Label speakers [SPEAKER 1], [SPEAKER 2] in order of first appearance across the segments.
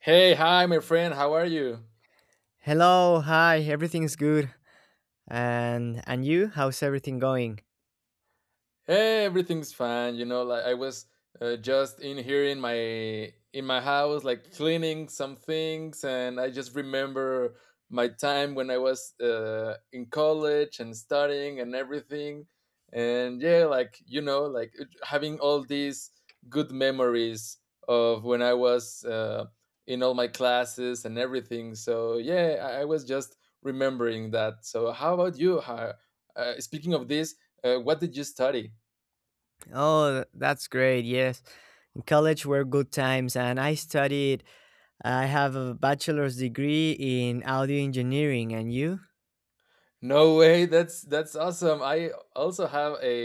[SPEAKER 1] Hey, hi, my friend. How are you?
[SPEAKER 2] Hello, hi, everything's good. And you, how's everything going?
[SPEAKER 1] Hey, everything's fine. Like I was just in here in my house, like cleaning some things, and I just remember my time when I was in college and studying and everything. And yeah, having all these good memories of when I was in all my classes and everything. So yeah, I was just remembering that. So how about you? Speaking of this, what did you study?
[SPEAKER 2] Oh, that's great. Yes. In college were good times and I have a bachelor's degree in audio engineering and you?
[SPEAKER 1] No way, that's awesome. I also have a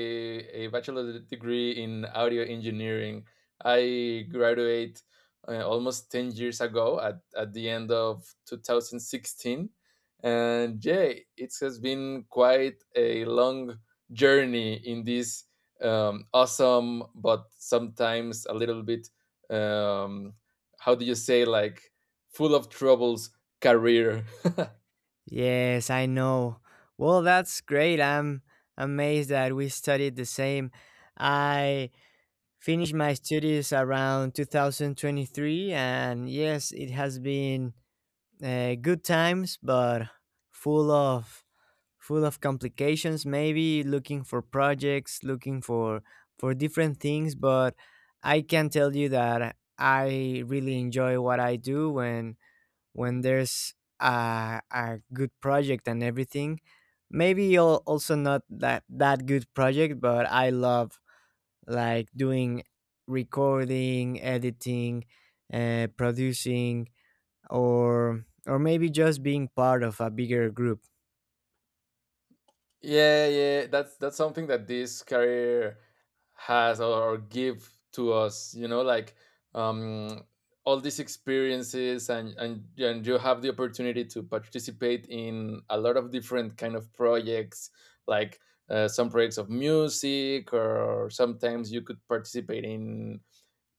[SPEAKER 1] a bachelor degree in audio engineering. I graduate almost 10 years ago at the end of 2016. And yeah, it has been quite a long journey in this awesome, but sometimes a little bit, um, how do you say, like full of troubles career.
[SPEAKER 2] Yes, I know. Well, that's great. I'm amazed that we studied the same. I finished my studies around 2023, and yes, it has been good times but full of full of complications, maybe looking for projects, looking for different things. But I can tell you that I really enjoy what I do when there's a good project and everything, maybe also not that good project, but I love like doing recording, editing, producing, or maybe just being part of a bigger group.
[SPEAKER 1] Yeah, yeah, that's something that this career has or give to us, you know, like um all these experiences and and you have the opportunity to participate in a lot of different kind of projects, like some projects of music, or sometimes you could participate in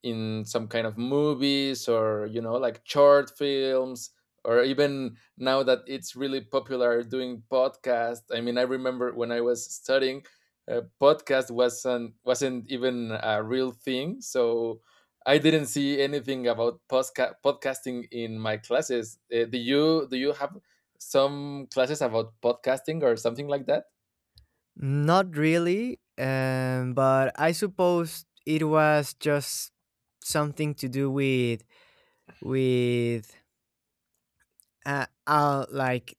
[SPEAKER 1] some kind of movies, or you know like short films, or even now that it's really popular doing podcast. I mean, I remember when I was studying, podcast wasn't even a real thing. So I didn't see anything about podcasting in my classes. Do you have some classes about podcasting or something like that?
[SPEAKER 2] Not really, but I suppose it was just something to do with with like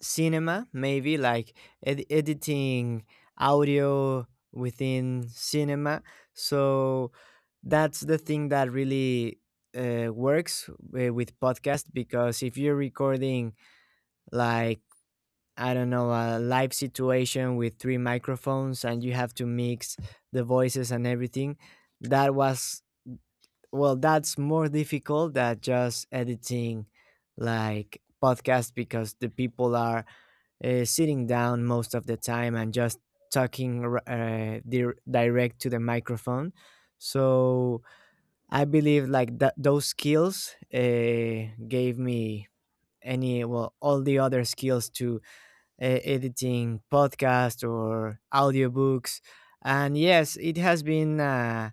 [SPEAKER 2] cinema, maybe like editing audio within cinema. So that's the thing that really works with podcast, because if you're recording like, I don't know, a live situation with three microphones, and you have to mix the voices and everything. That was, well, that's more difficult than just editing like podcast, because the people are sitting down most of the time and just talking direct to the microphone. So I believe like that those skills gave me any well all the other skills to editing podcasts or audiobooks. And yes, it has been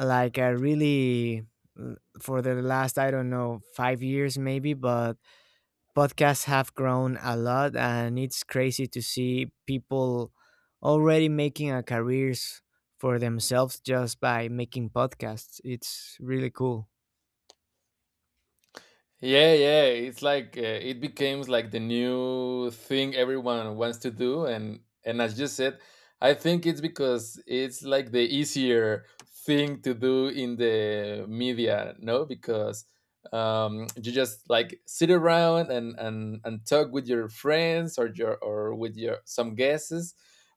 [SPEAKER 2] like a really, for the last I don't know, 5 years maybe, but podcasts have grown a lot, and it's crazy to see people already making a careers for themselves just by making podcasts. It's really cool.
[SPEAKER 1] Yeah, yeah. It's like, it becomes like the new thing everyone wants to do, and as you said, I think it's because it's like the easier thing to do in the media, no? Because, you just like sit around and and talk with your friends or your or with your some guests,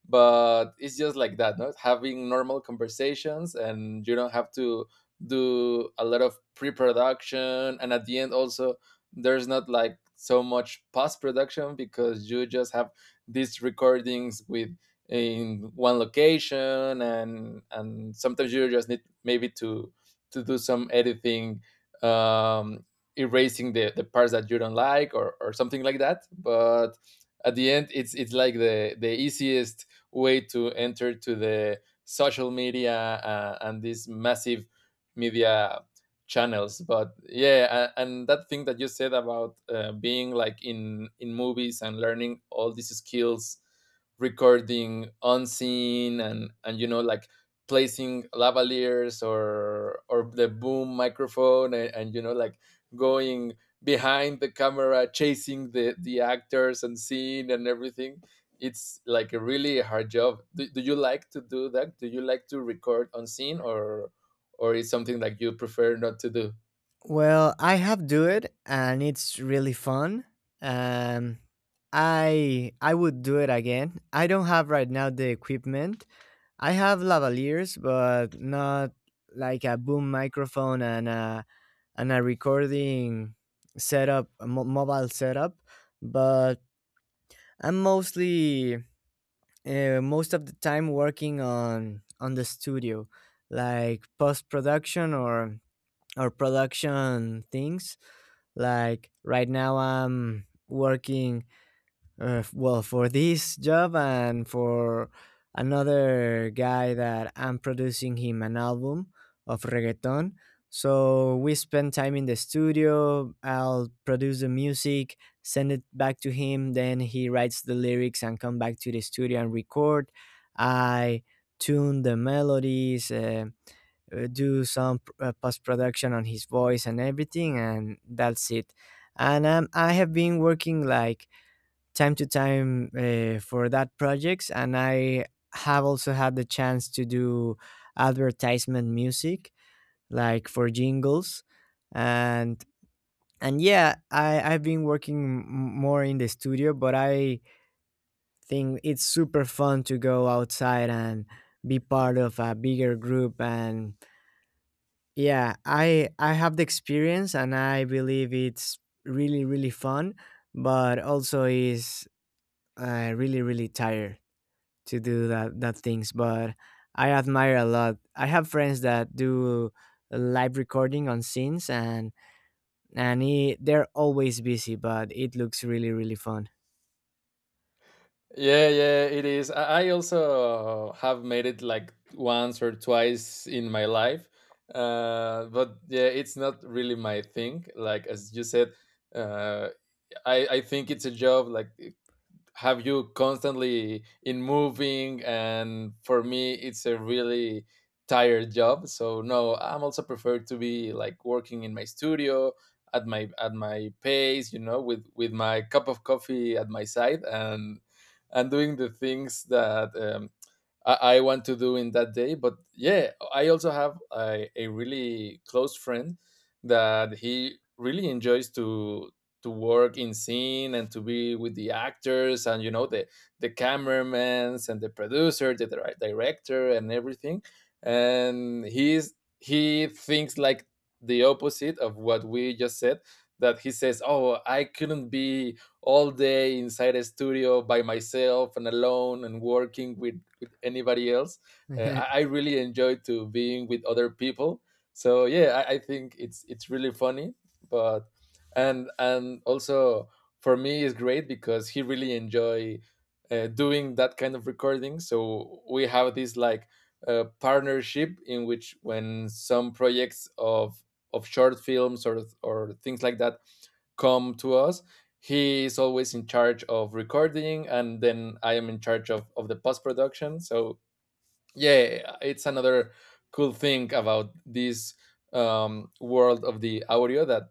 [SPEAKER 1] but it's just like that, no? Having normal conversations, and you don't have to do a lot of pre-production, and at the end also there's not like so much post-production, because you just have these recordings with in one location, and sometimes you just need maybe to do some editing, um erasing the parts that you don't like or something like that. But at the end, it's like the easiest way to enter to the social media, and this massive media channels. But yeah, and that thing that you said about, being like in movies and learning all these skills, recording unseen, and you know like placing lavaliers or the boom microphone, and you know like going behind the camera chasing the actors and scene and everything, it's like a really hard job. Do you like to do that? Do you like to record on scene, or it's something that you prefer not to do?
[SPEAKER 2] Well, I have do it and it's really fun. Um I would do it again. I don't have right now the equipment. I have lavaliers but not like a boom microphone and a recording setup, a mobile setup, but I'm mostly most of the time working on the studio, like post production or production things, like right now. I'm working well, for this job and for another guy that I'm producing him an album of reggaeton. So we spend time in the studio. I'll produce the music, send it back to him. Then he writes the lyrics and come back to the studio and record. I tune the melodies. Do some post production on his voice and everything, and that's it. And I have been working like time to time for that projects, and I have also had the chance to do advertisement music, like for jingles, and and yeah, I've been working more in the studio, but I think it's super fun to go outside and be part of a bigger group, and yeah, I have the experience and I believe it's really really fun, but also is really really tired to do that things. But I admire a lot. I have friends that do live recording on scenes, and they're always busy, but it looks really really fun.
[SPEAKER 1] Yeah, yeah, it is. I also have made it like once or twice in my life. But yeah, it's not really my thing. Like as you said, uh, I think it's a job. Like, have you constantly in moving, and for me it's a really tired job. So no, I'm also preferred to be like working in my studio, at my pace, you know, with my cup of coffee at my side, and doing the things that, I want to do in that day. But yeah, I also have a really close friend that he really enjoys to work in scene, and to be with the actors, and you know, the cameramans, and the producer, the director, and everything. And he thinks like the opposite of what we just said. That he says, "Oh, I couldn't be." All day inside a studio by myself and alone and working with anybody else. I really enjoy to being with other people. So yeah, I think it's really funny, but and also for me is great, because he really enjoy, doing that kind of recording. So we have this like, partnership in which when some projects of short films or things like that come to us, he is always in charge of recording, and then I am in charge of the post production. So yeah, it's another cool thing about this, world of the audio, that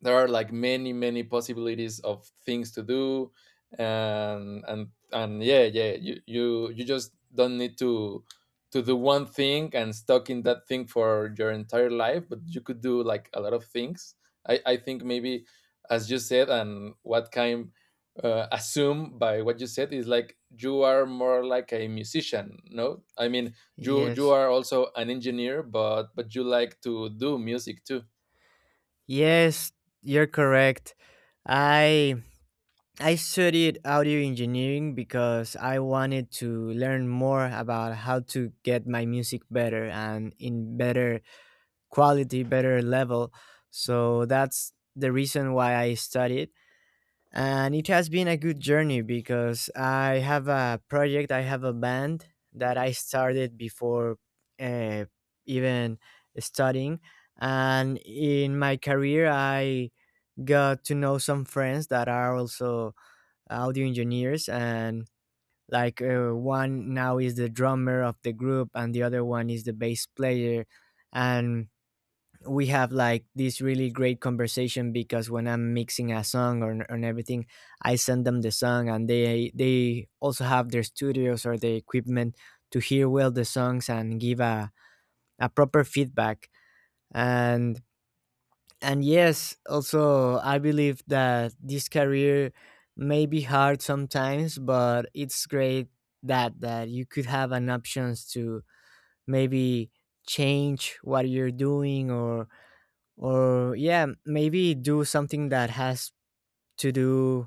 [SPEAKER 1] there are like many many possibilities of things to do, and yeah, yeah, you you just don't need to do one thing and stuck in that thing for your entire life, but you could do like a lot of things. I think maybe, as you said, and what kind, assume by what you said, is like you are more like a musician, no? I mean, you
[SPEAKER 2] yes.
[SPEAKER 1] are also an engineer, but you like to do music too.
[SPEAKER 2] Yes, you're correct. I I studied audio engineering because I wanted to learn more about how to get my music better, and in better quality, better level. So that's the reason why I studied. And it has been a good journey, because I have a project, I have a band that I started before uh, even studying. And in my career, I got to know some friends that are also audio engineers, and like one now is the drummer of the group, and the other one is the bass player, and we have like this really great conversation, because when I'm mixing a song and everything, I send them the song and they also have their studios or the equipment to hear well the songs and give a proper feedback. and and yes, also I believe that this career may be hard sometimes, but it's great that you could have an options to maybe change what you're doing, or yeah, maybe do something that has to do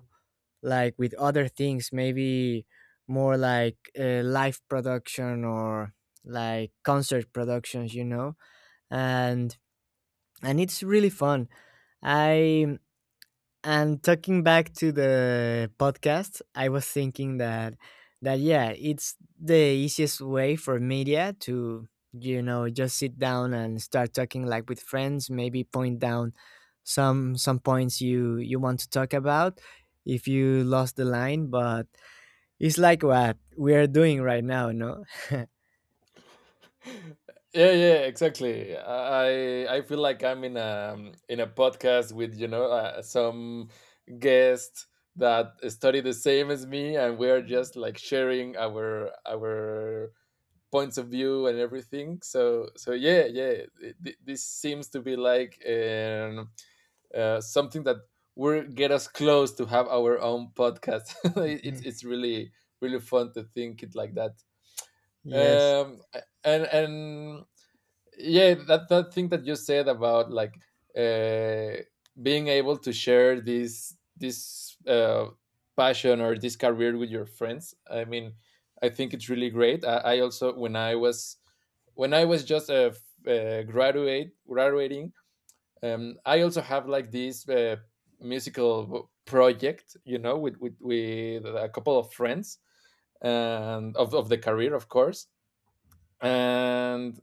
[SPEAKER 2] like with other things, maybe more like live production, or like concert productions, you know. and and it's really fun. I And talking back to the podcast, I was thinking that yeah, it's the easiest way for media to, you know, just sit down and start talking like with friends, maybe point down some points you want to talk about if you lost the line, but it's like what we are doing right now, no?
[SPEAKER 1] Yeah, yeah, exactly. I feel like I'm in a, in a podcast with, you know, some guest that study the same as me, and we're just like sharing our points of view and everything. So so yeah, yeah, this seems to be like, something that will get us close to have our own podcast. It's it's really really fun to think it like that.
[SPEAKER 2] yes.
[SPEAKER 1] And yeah, that that thing that you said about like, uh being able to share this this, passion or this career with your friends, I mean, I think it's really great. I also when I was when I was just a f- graduate graduating, I also have like this, musical project, you know, with with a couple of friends, and of the career, of course. And,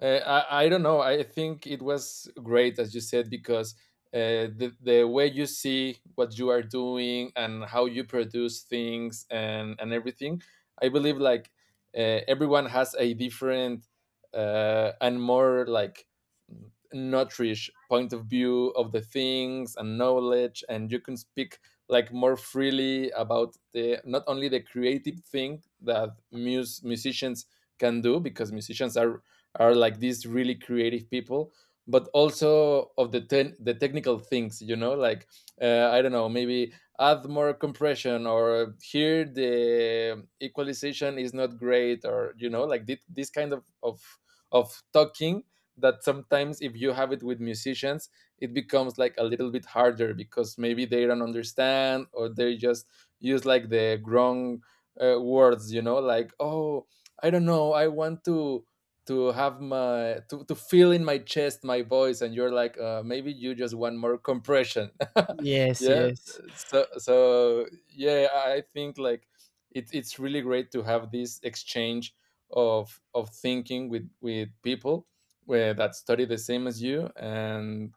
[SPEAKER 1] I don't know. I think it was great, as you said, because, the way you see what you are doing and how you produce things, and everything, I believe like, everyone has a different, and more like n- nutrish point of view of the things and knowledge, and you can speak like more freely about the not only the creative thing that musicians can do, because musicians are like these really creative people, but also of the the technical things, you know, like, I don't know, maybe add more compression, or here the equalization is not great, or you know like this kind of of talking, that sometimes if you have it with musicians, it becomes like a little bit harder, because maybe they don't understand, or they just use like the wrong, words, you know, like, oh, I don't know, I want to have my to feel in my chest my voice, and you're like, maybe you just want more compression.
[SPEAKER 2] Yes,
[SPEAKER 1] Yeah.
[SPEAKER 2] yes.
[SPEAKER 1] So yeah, I think like, it's really great to have this exchange of thinking with people where that study the same as you. and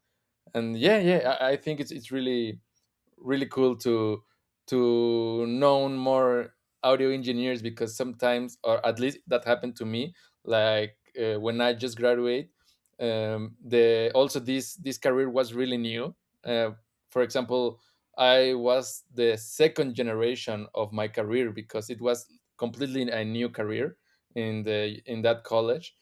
[SPEAKER 1] and yeah, yeah, I think it's really really cool to know more audio engineers, because sometimes, or at least that happened to me, like, when I just graduated, the also this career was really new. Uh, for example, I was the second generation of my career, because it was completely a new career in the in that college.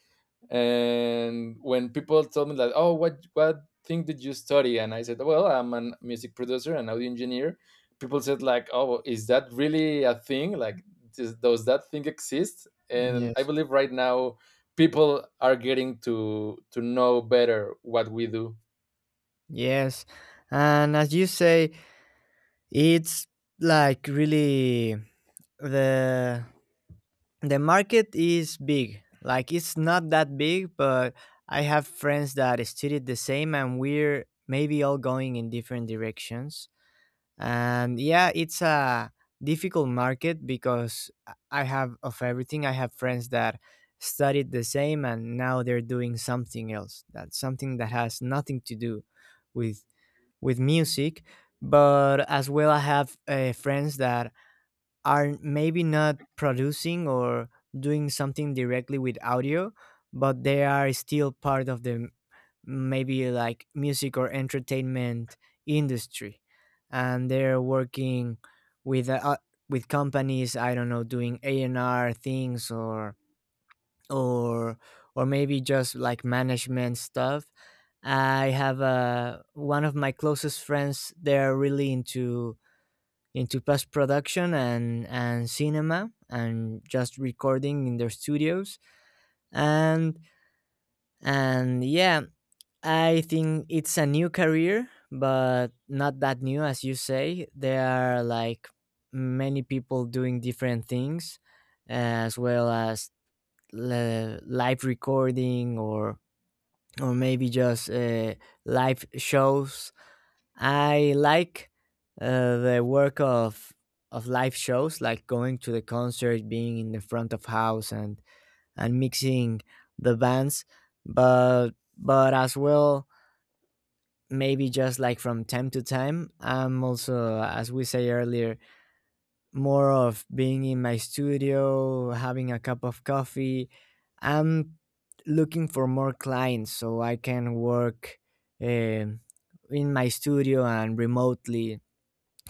[SPEAKER 1] And when people told me that, "Oh, what thing did you study?" And I said, "Well, I'm a music producer and audio engineer." People said, "Like, oh, is that really a thing? Like, does that thing exist?" And I
[SPEAKER 2] Yes.
[SPEAKER 1] believe right now people are getting to know better what we do.
[SPEAKER 2] Yes. And as you say, it's like really, the the market is big, like it's not that big, but I have friends that studied the same, and we're maybe all going in different directions. And yeah, it's a difficult market, because I have of everything. I have friends that studied the same, and now they're doing something else, that's something that has nothing to do with music. But as well, I have friends that are maybe not producing, or doing something directly with audio, but they are still part of the maybe like music or entertainment industry, and they're working with uh, with companies. I don't know, doing A and R things, or or or maybe just like management stuff. I have a One of my closest friends, they're really into post production and cinema and just recording in their studios. and and yeah, I think it's a new career, but not that new, as you say. There are like many people doing different things, as well as live recording, or maybe just live shows. I like the work of live shows, like going to the concert, being in the front of house, and mixing the bands. But but as well, maybe just like from time to time, I'm also, as we say earlier, more of being in my studio, having a cup of coffee. I'm looking for more clients so I can work um in my studio and remotely.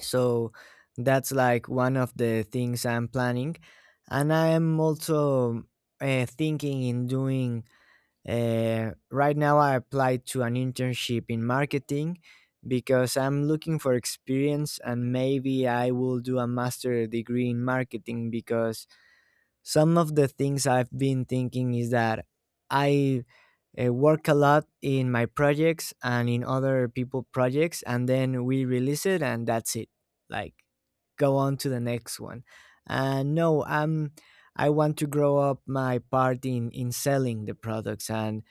[SPEAKER 2] So that's like one of the things I'm planning. And I am also thinking in doing, right now I applied to an internship in marketing, because I'm looking for experience, and maybe I will do a master degree in marketing, because some of the things I've been thinking is that I work a lot in my projects and in other people projects, and then we release it and that's it, like go on to the next one. And no, I want to grow up my part in selling the products, and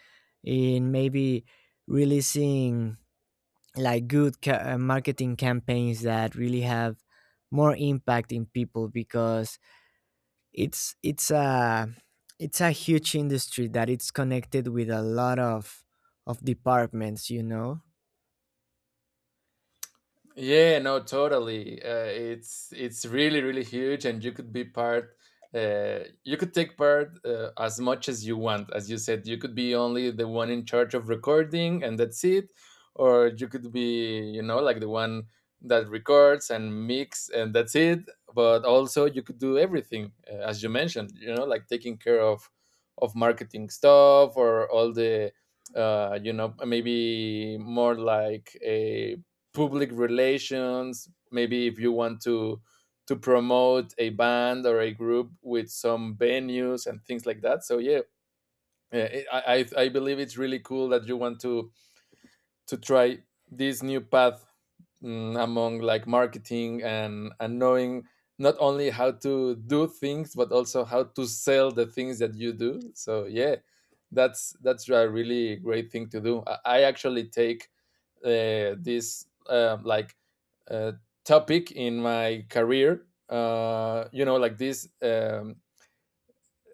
[SPEAKER 2] in maybe releasing like good marketing campaigns that really have more impact in people, because it's it's a it's a huge industry that it's connected with a lot of departments, you know.
[SPEAKER 1] Yeah, no, totally. It's really really huge, and you could be part. You could take part, as much as you want. As you said, you could be only the one in charge of recording, and that's it. Or you could be, you know, like the one that records and mix, and that's it. But also, you could do everything, as you mentioned. You know, like taking care of marketing stuff, or all the, you know, maybe more like a public relations, maybe, if you want to promote a band or a group with some venues and things like that. So yeah, yeah, I believe it's really cool that you want to try this new path, mm, among like marketing, and knowing not only how to do things, but also how to sell the things that you do. So yeah, that's a really great thing to do. I actually take, this like uh, topic in my career. You know, like this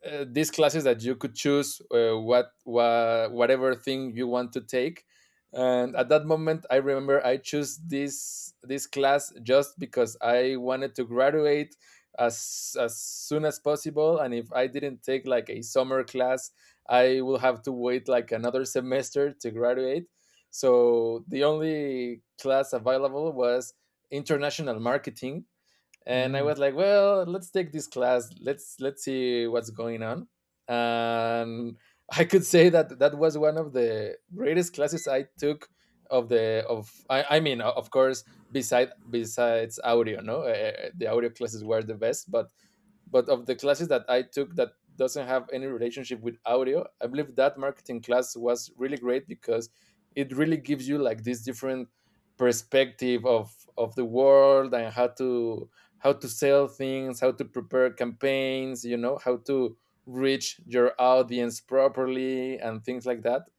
[SPEAKER 1] these classes that you could choose, whatever thing you want to take. And at that moment I remember I chose this class just because I wanted to graduate as soon as possible, and if I didn't take like a summer class, I will have to wait like another semester to graduate. So the only class available was international marketing, and I
[SPEAKER 2] Mm,
[SPEAKER 1] was like, well, let's take this class. Let's see what's going on. And I could say that that was one of the greatest classes I took of the of I mean, of course, besides audio, no the audio classes were the best, but of the classes that I took that doesn't have any relationship with audio, I believe that marketing class was really great because it really gives you like this different perspective of the world and how to sell things, how to prepare campaigns, you know, how to reach your audience properly and things like that.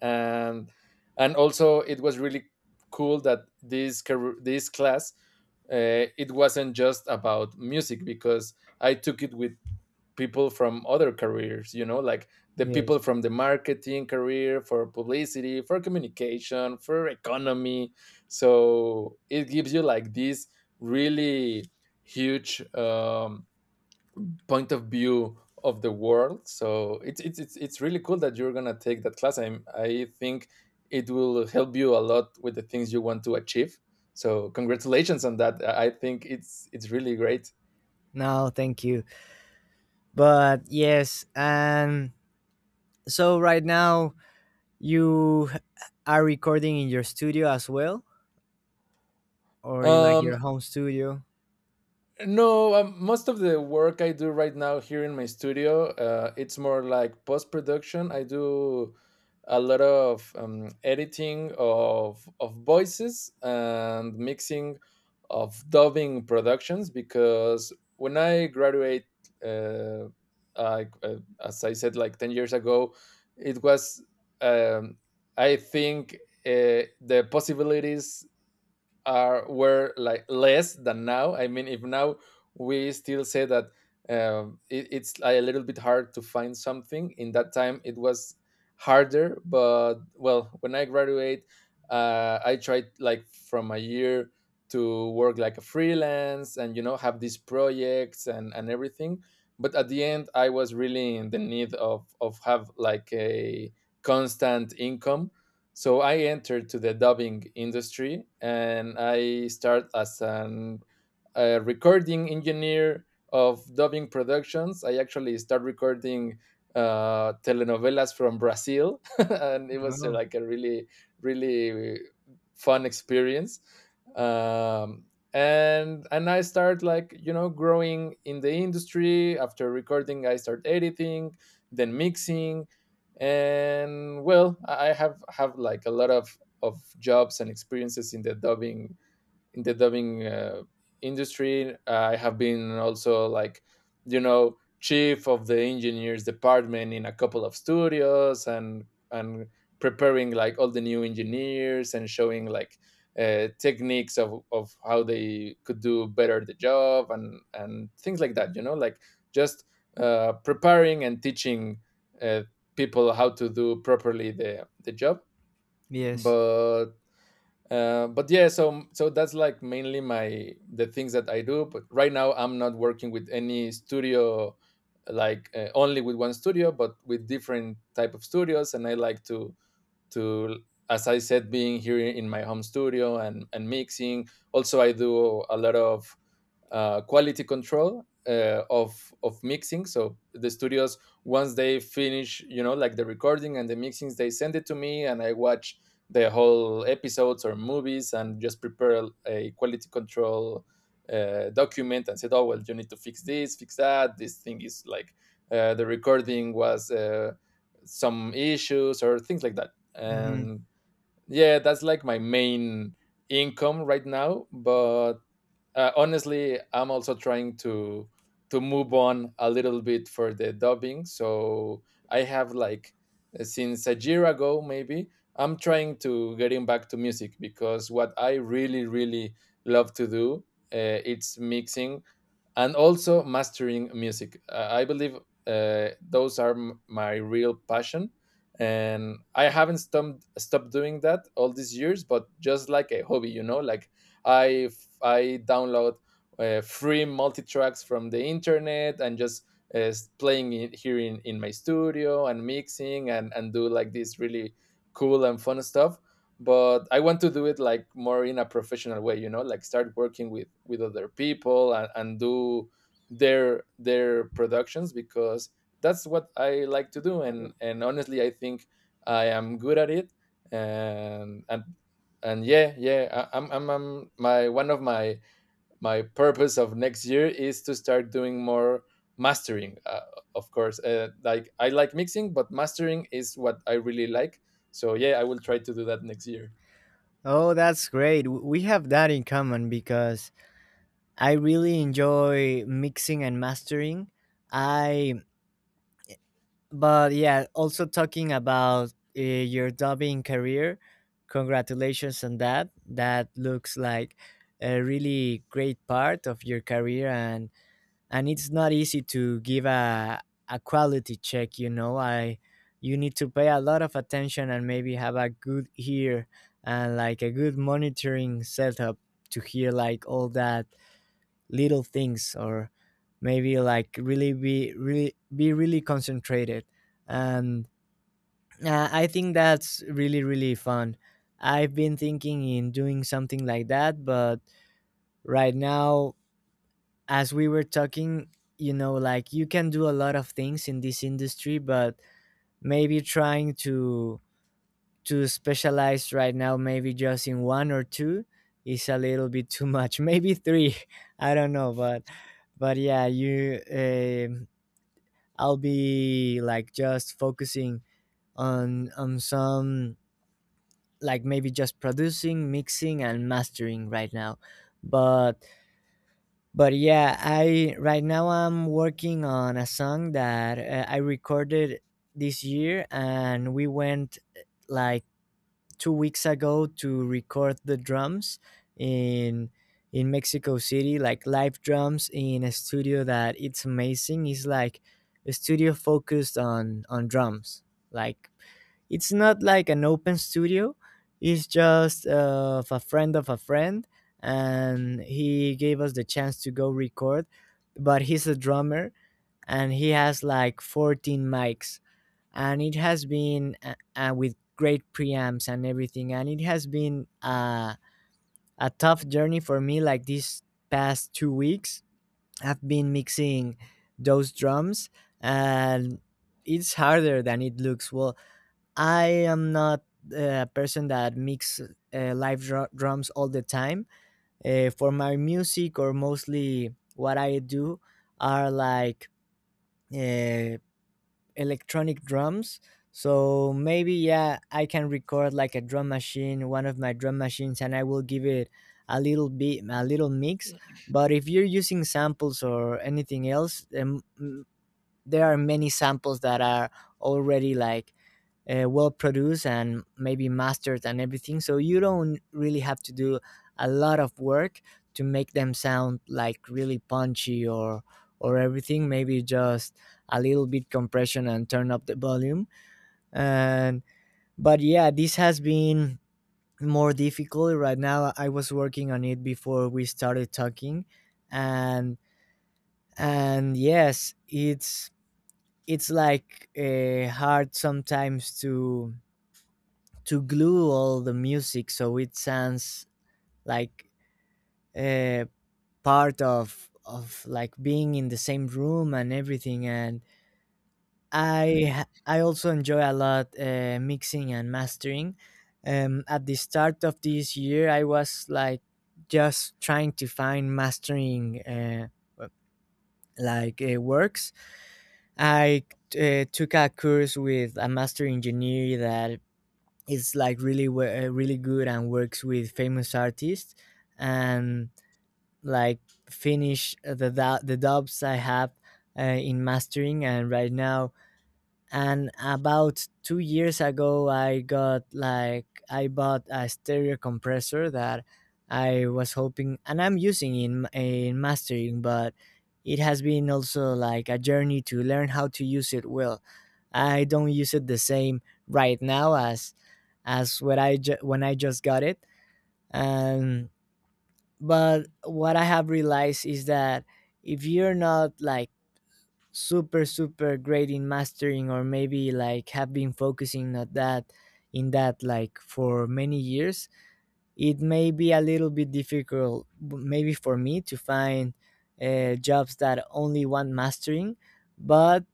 [SPEAKER 1] And and also it was really cool that this class, it wasn't just about music because I took it with people from other careers, you know, like the
[SPEAKER 2] yes.
[SPEAKER 1] people from the marketing career, for publicity, for communication, for economy. So it gives you like this really huge point of view of the world. So it's really cool that you're gonna take that class. I think it will help you a lot with the things you want to achieve. So congratulations on that. I think it's really great.
[SPEAKER 2] No, thank you. But yes, and so right now you h- are recording in your studio as well, or in like your
[SPEAKER 1] um
[SPEAKER 2] home studio.
[SPEAKER 1] No, most of the work I do right now here in my studio, it's more like post production. I do a lot of editing of voices and mixing of dubbing productions. Because when I graduate, uh, as I said, like 10 years ago, it was, um, I think, the possibilities are were like less than now. I mean, if now we still say that, it's like a little bit hard to find something, in that time it was harder. But well, when I graduate, I tried like from a year to work like a freelance, and you know, have these projects and everything. But at the end, I was really in the need of have like a constant income. So I entered to the dubbing industry and I started as an a recording engineer of dubbing productions. I actually start recording telenovelas from Brazil, and it was
[SPEAKER 2] Oh,
[SPEAKER 1] like a really, really fun experience. Um, and I start, like, you know, growing in the industry. After recording, I start editing, then mixing, and well, I have like a lot of jobs and experiences in the dubbing industry. I have been also like, you know, chief of the engineers department in a couple of studios, and preparing like all the new engineers and showing like techniques of how they could do better the job, and things like that, you know, like just preparing and teaching uh, people how to do properly the job.
[SPEAKER 2] yes.
[SPEAKER 1] But but yeah, so so that's like mainly my the things that I do. But right now, I'm not working with any studio, like only with one studio, but with different type of studios. And I like to, as I said, being here in my home studio and mixing. Also, I do a lot of quality control of mixing. So the studios, once they finish, you know, like the recording and the mixings, they send it to me, and I watch the whole episodes or movies and just prepare a quality control document and said, oh well, you need to fix this, fix that. This thing is like, the recording was, some issues or things like that.
[SPEAKER 2] Hmm.
[SPEAKER 1] And yeah, that's like my main income right now. But honestly, I'm also trying to move on a little bit for the dubbing. So I have like since a year ago, maybe, I'm trying to getting back to music because what I really really love to do, it's mixing and also mastering music. I believe those are my real passion, and I haven't stopped doing that all these years. But just like a hobby, you know, like I I download free multi tracks from the internet and just. Playing it here in my studio and mixing and do like this really cool and fun stuff. But I want to do it like more in a professional way, you know, like start working with other people and do their productions because that's what I like to do. And honestly I think I am good at it. And and yeah, yeah, I, I'm my one of my my purpose of next year is to start doing more mastering. Of course, like I like mixing, but mastering is what I really like. So yeah, I will try to do that next year.
[SPEAKER 2] Oh, that's great. W- We have that in common, because I really enjoy mixing and mastering. I But yeah, also talking about your dubbing career, congratulations on that. That looks like a really great part of your career, and it's not easy to give a quality check. You know, I you need to pay a lot of attention, and maybe have a good ear and like a good monitoring setup to hear like all that little things, or maybe like really concentrated. And I think that's really really fun. I've been thinking in doing something like that, but right now, as we were talking, you know, like you can do a lot of things in this industry, but maybe trying to specialize right now, maybe just in one or two is a little bit too much. maybe three, I don't know. But yeah, you, I'll be like just focusing on some, like maybe just producing, mixing, and mastering right now. but but yeah, I right now I'm working on a song that I recorded this year, and we went like 2 weeks ago to record the drums in Mexico City, like live drums in a studio that it's amazing. It's like a studio focused on drums. Like, it's not like an open studio. It's just of a friend, and he gave us the chance to go record. But he's a drummer, and he has like 14 mics, and it has been with great preamps and everything. And it has been a tough journey for me, like these past 2 weeks I've been mixing those drums. And it's harder than it looks. Well, I am not a person that mix live drums all the time for my music. Or mostly what I do are like uh, electronic drums. So maybe yeah, I can record like a drum machine, one of my drum machines, and I will give it a little mix. But if you're using samples or anything else, there are many samples that are already like well produced and maybe mastered and everything. So you don't really have to do a lot of work to make them sound like really punchy or everything. Maybe just a little bit compression and turn up the volume. And but yeah, this has been more difficult right now. I was working on it before we started talking, and and yes, it's like hard sometimes to glue all the music so it sounds like uh, part of like being in the same room and everything. And i I also enjoy a lot mixing and mastering. At the start of this year I was like just trying to find mastering works. I took a course with a master engineer that it's like really good and works with famous artists. And like finish the the dubs I have uh, in mastering. And right now, and about 2 years ago, I got like I bought a stereo compressor that I was hoping, and I'm using in mastering. But it has been also like a journey to learn how to use it well. I don't use it the same right now as when I when I just got it. And but what I have realized is that if you're not like super super great in mastering, or maybe like have been focusing on that in that like for many years, it may be a little bit difficult, maybe for me to find jobs that only want mastering. But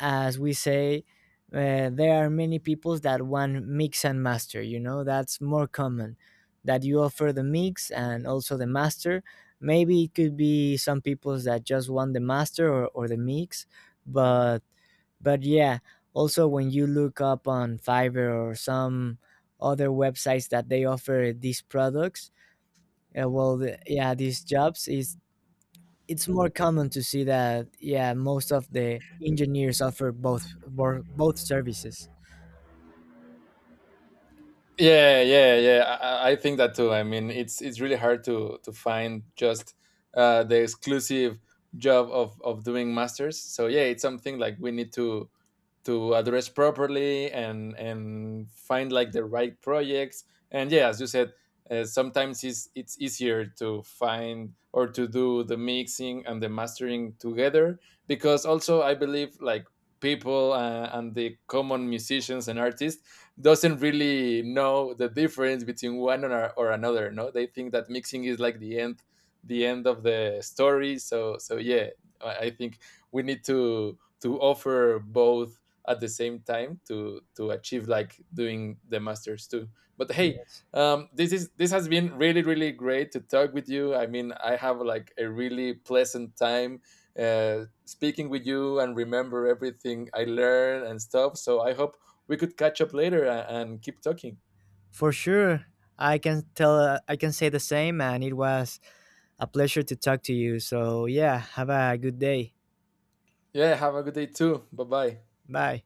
[SPEAKER 2] as we say, there are many people that want mix and master, you know, that's more common, that you offer the mix and also the master. Maybe it could be some people that just want the master, or the mix. but but yeah, also when you look up on fiverr or some other websites that they offer these products, yeah, these jobs is it's more common to see that yeah, most of the engineers offer both both services.
[SPEAKER 1] Yeah, yeah, yeah. I think that too. I mean, it's really hard to find just the exclusive job of doing masters. So yeah, it's something like we need to address properly, and find like the right projects. And yeah, as you said, sometimes it's easier to find or to do the mixing and the mastering together. Because also I believe like people, and the common musicians and artists, doesn't really know the difference between one or another, no, they think that mixing is like the end of the story. So so yeah, I think we need to offer both at the same time to achieve like doing the masters too. But hey,
[SPEAKER 2] Yes,
[SPEAKER 1] this has been really really great to talk with you. I mean, I have like a really pleasant time speaking with you and remember everything I learned and stuff. So I hope we could catch up later and keep talking.
[SPEAKER 2] for sure. I can tell, I can say the same, and it was a pleasure to talk to you. So, yeah, have a good day.
[SPEAKER 1] Yeah, have a good day too. Bye bye.
[SPEAKER 2] Bye.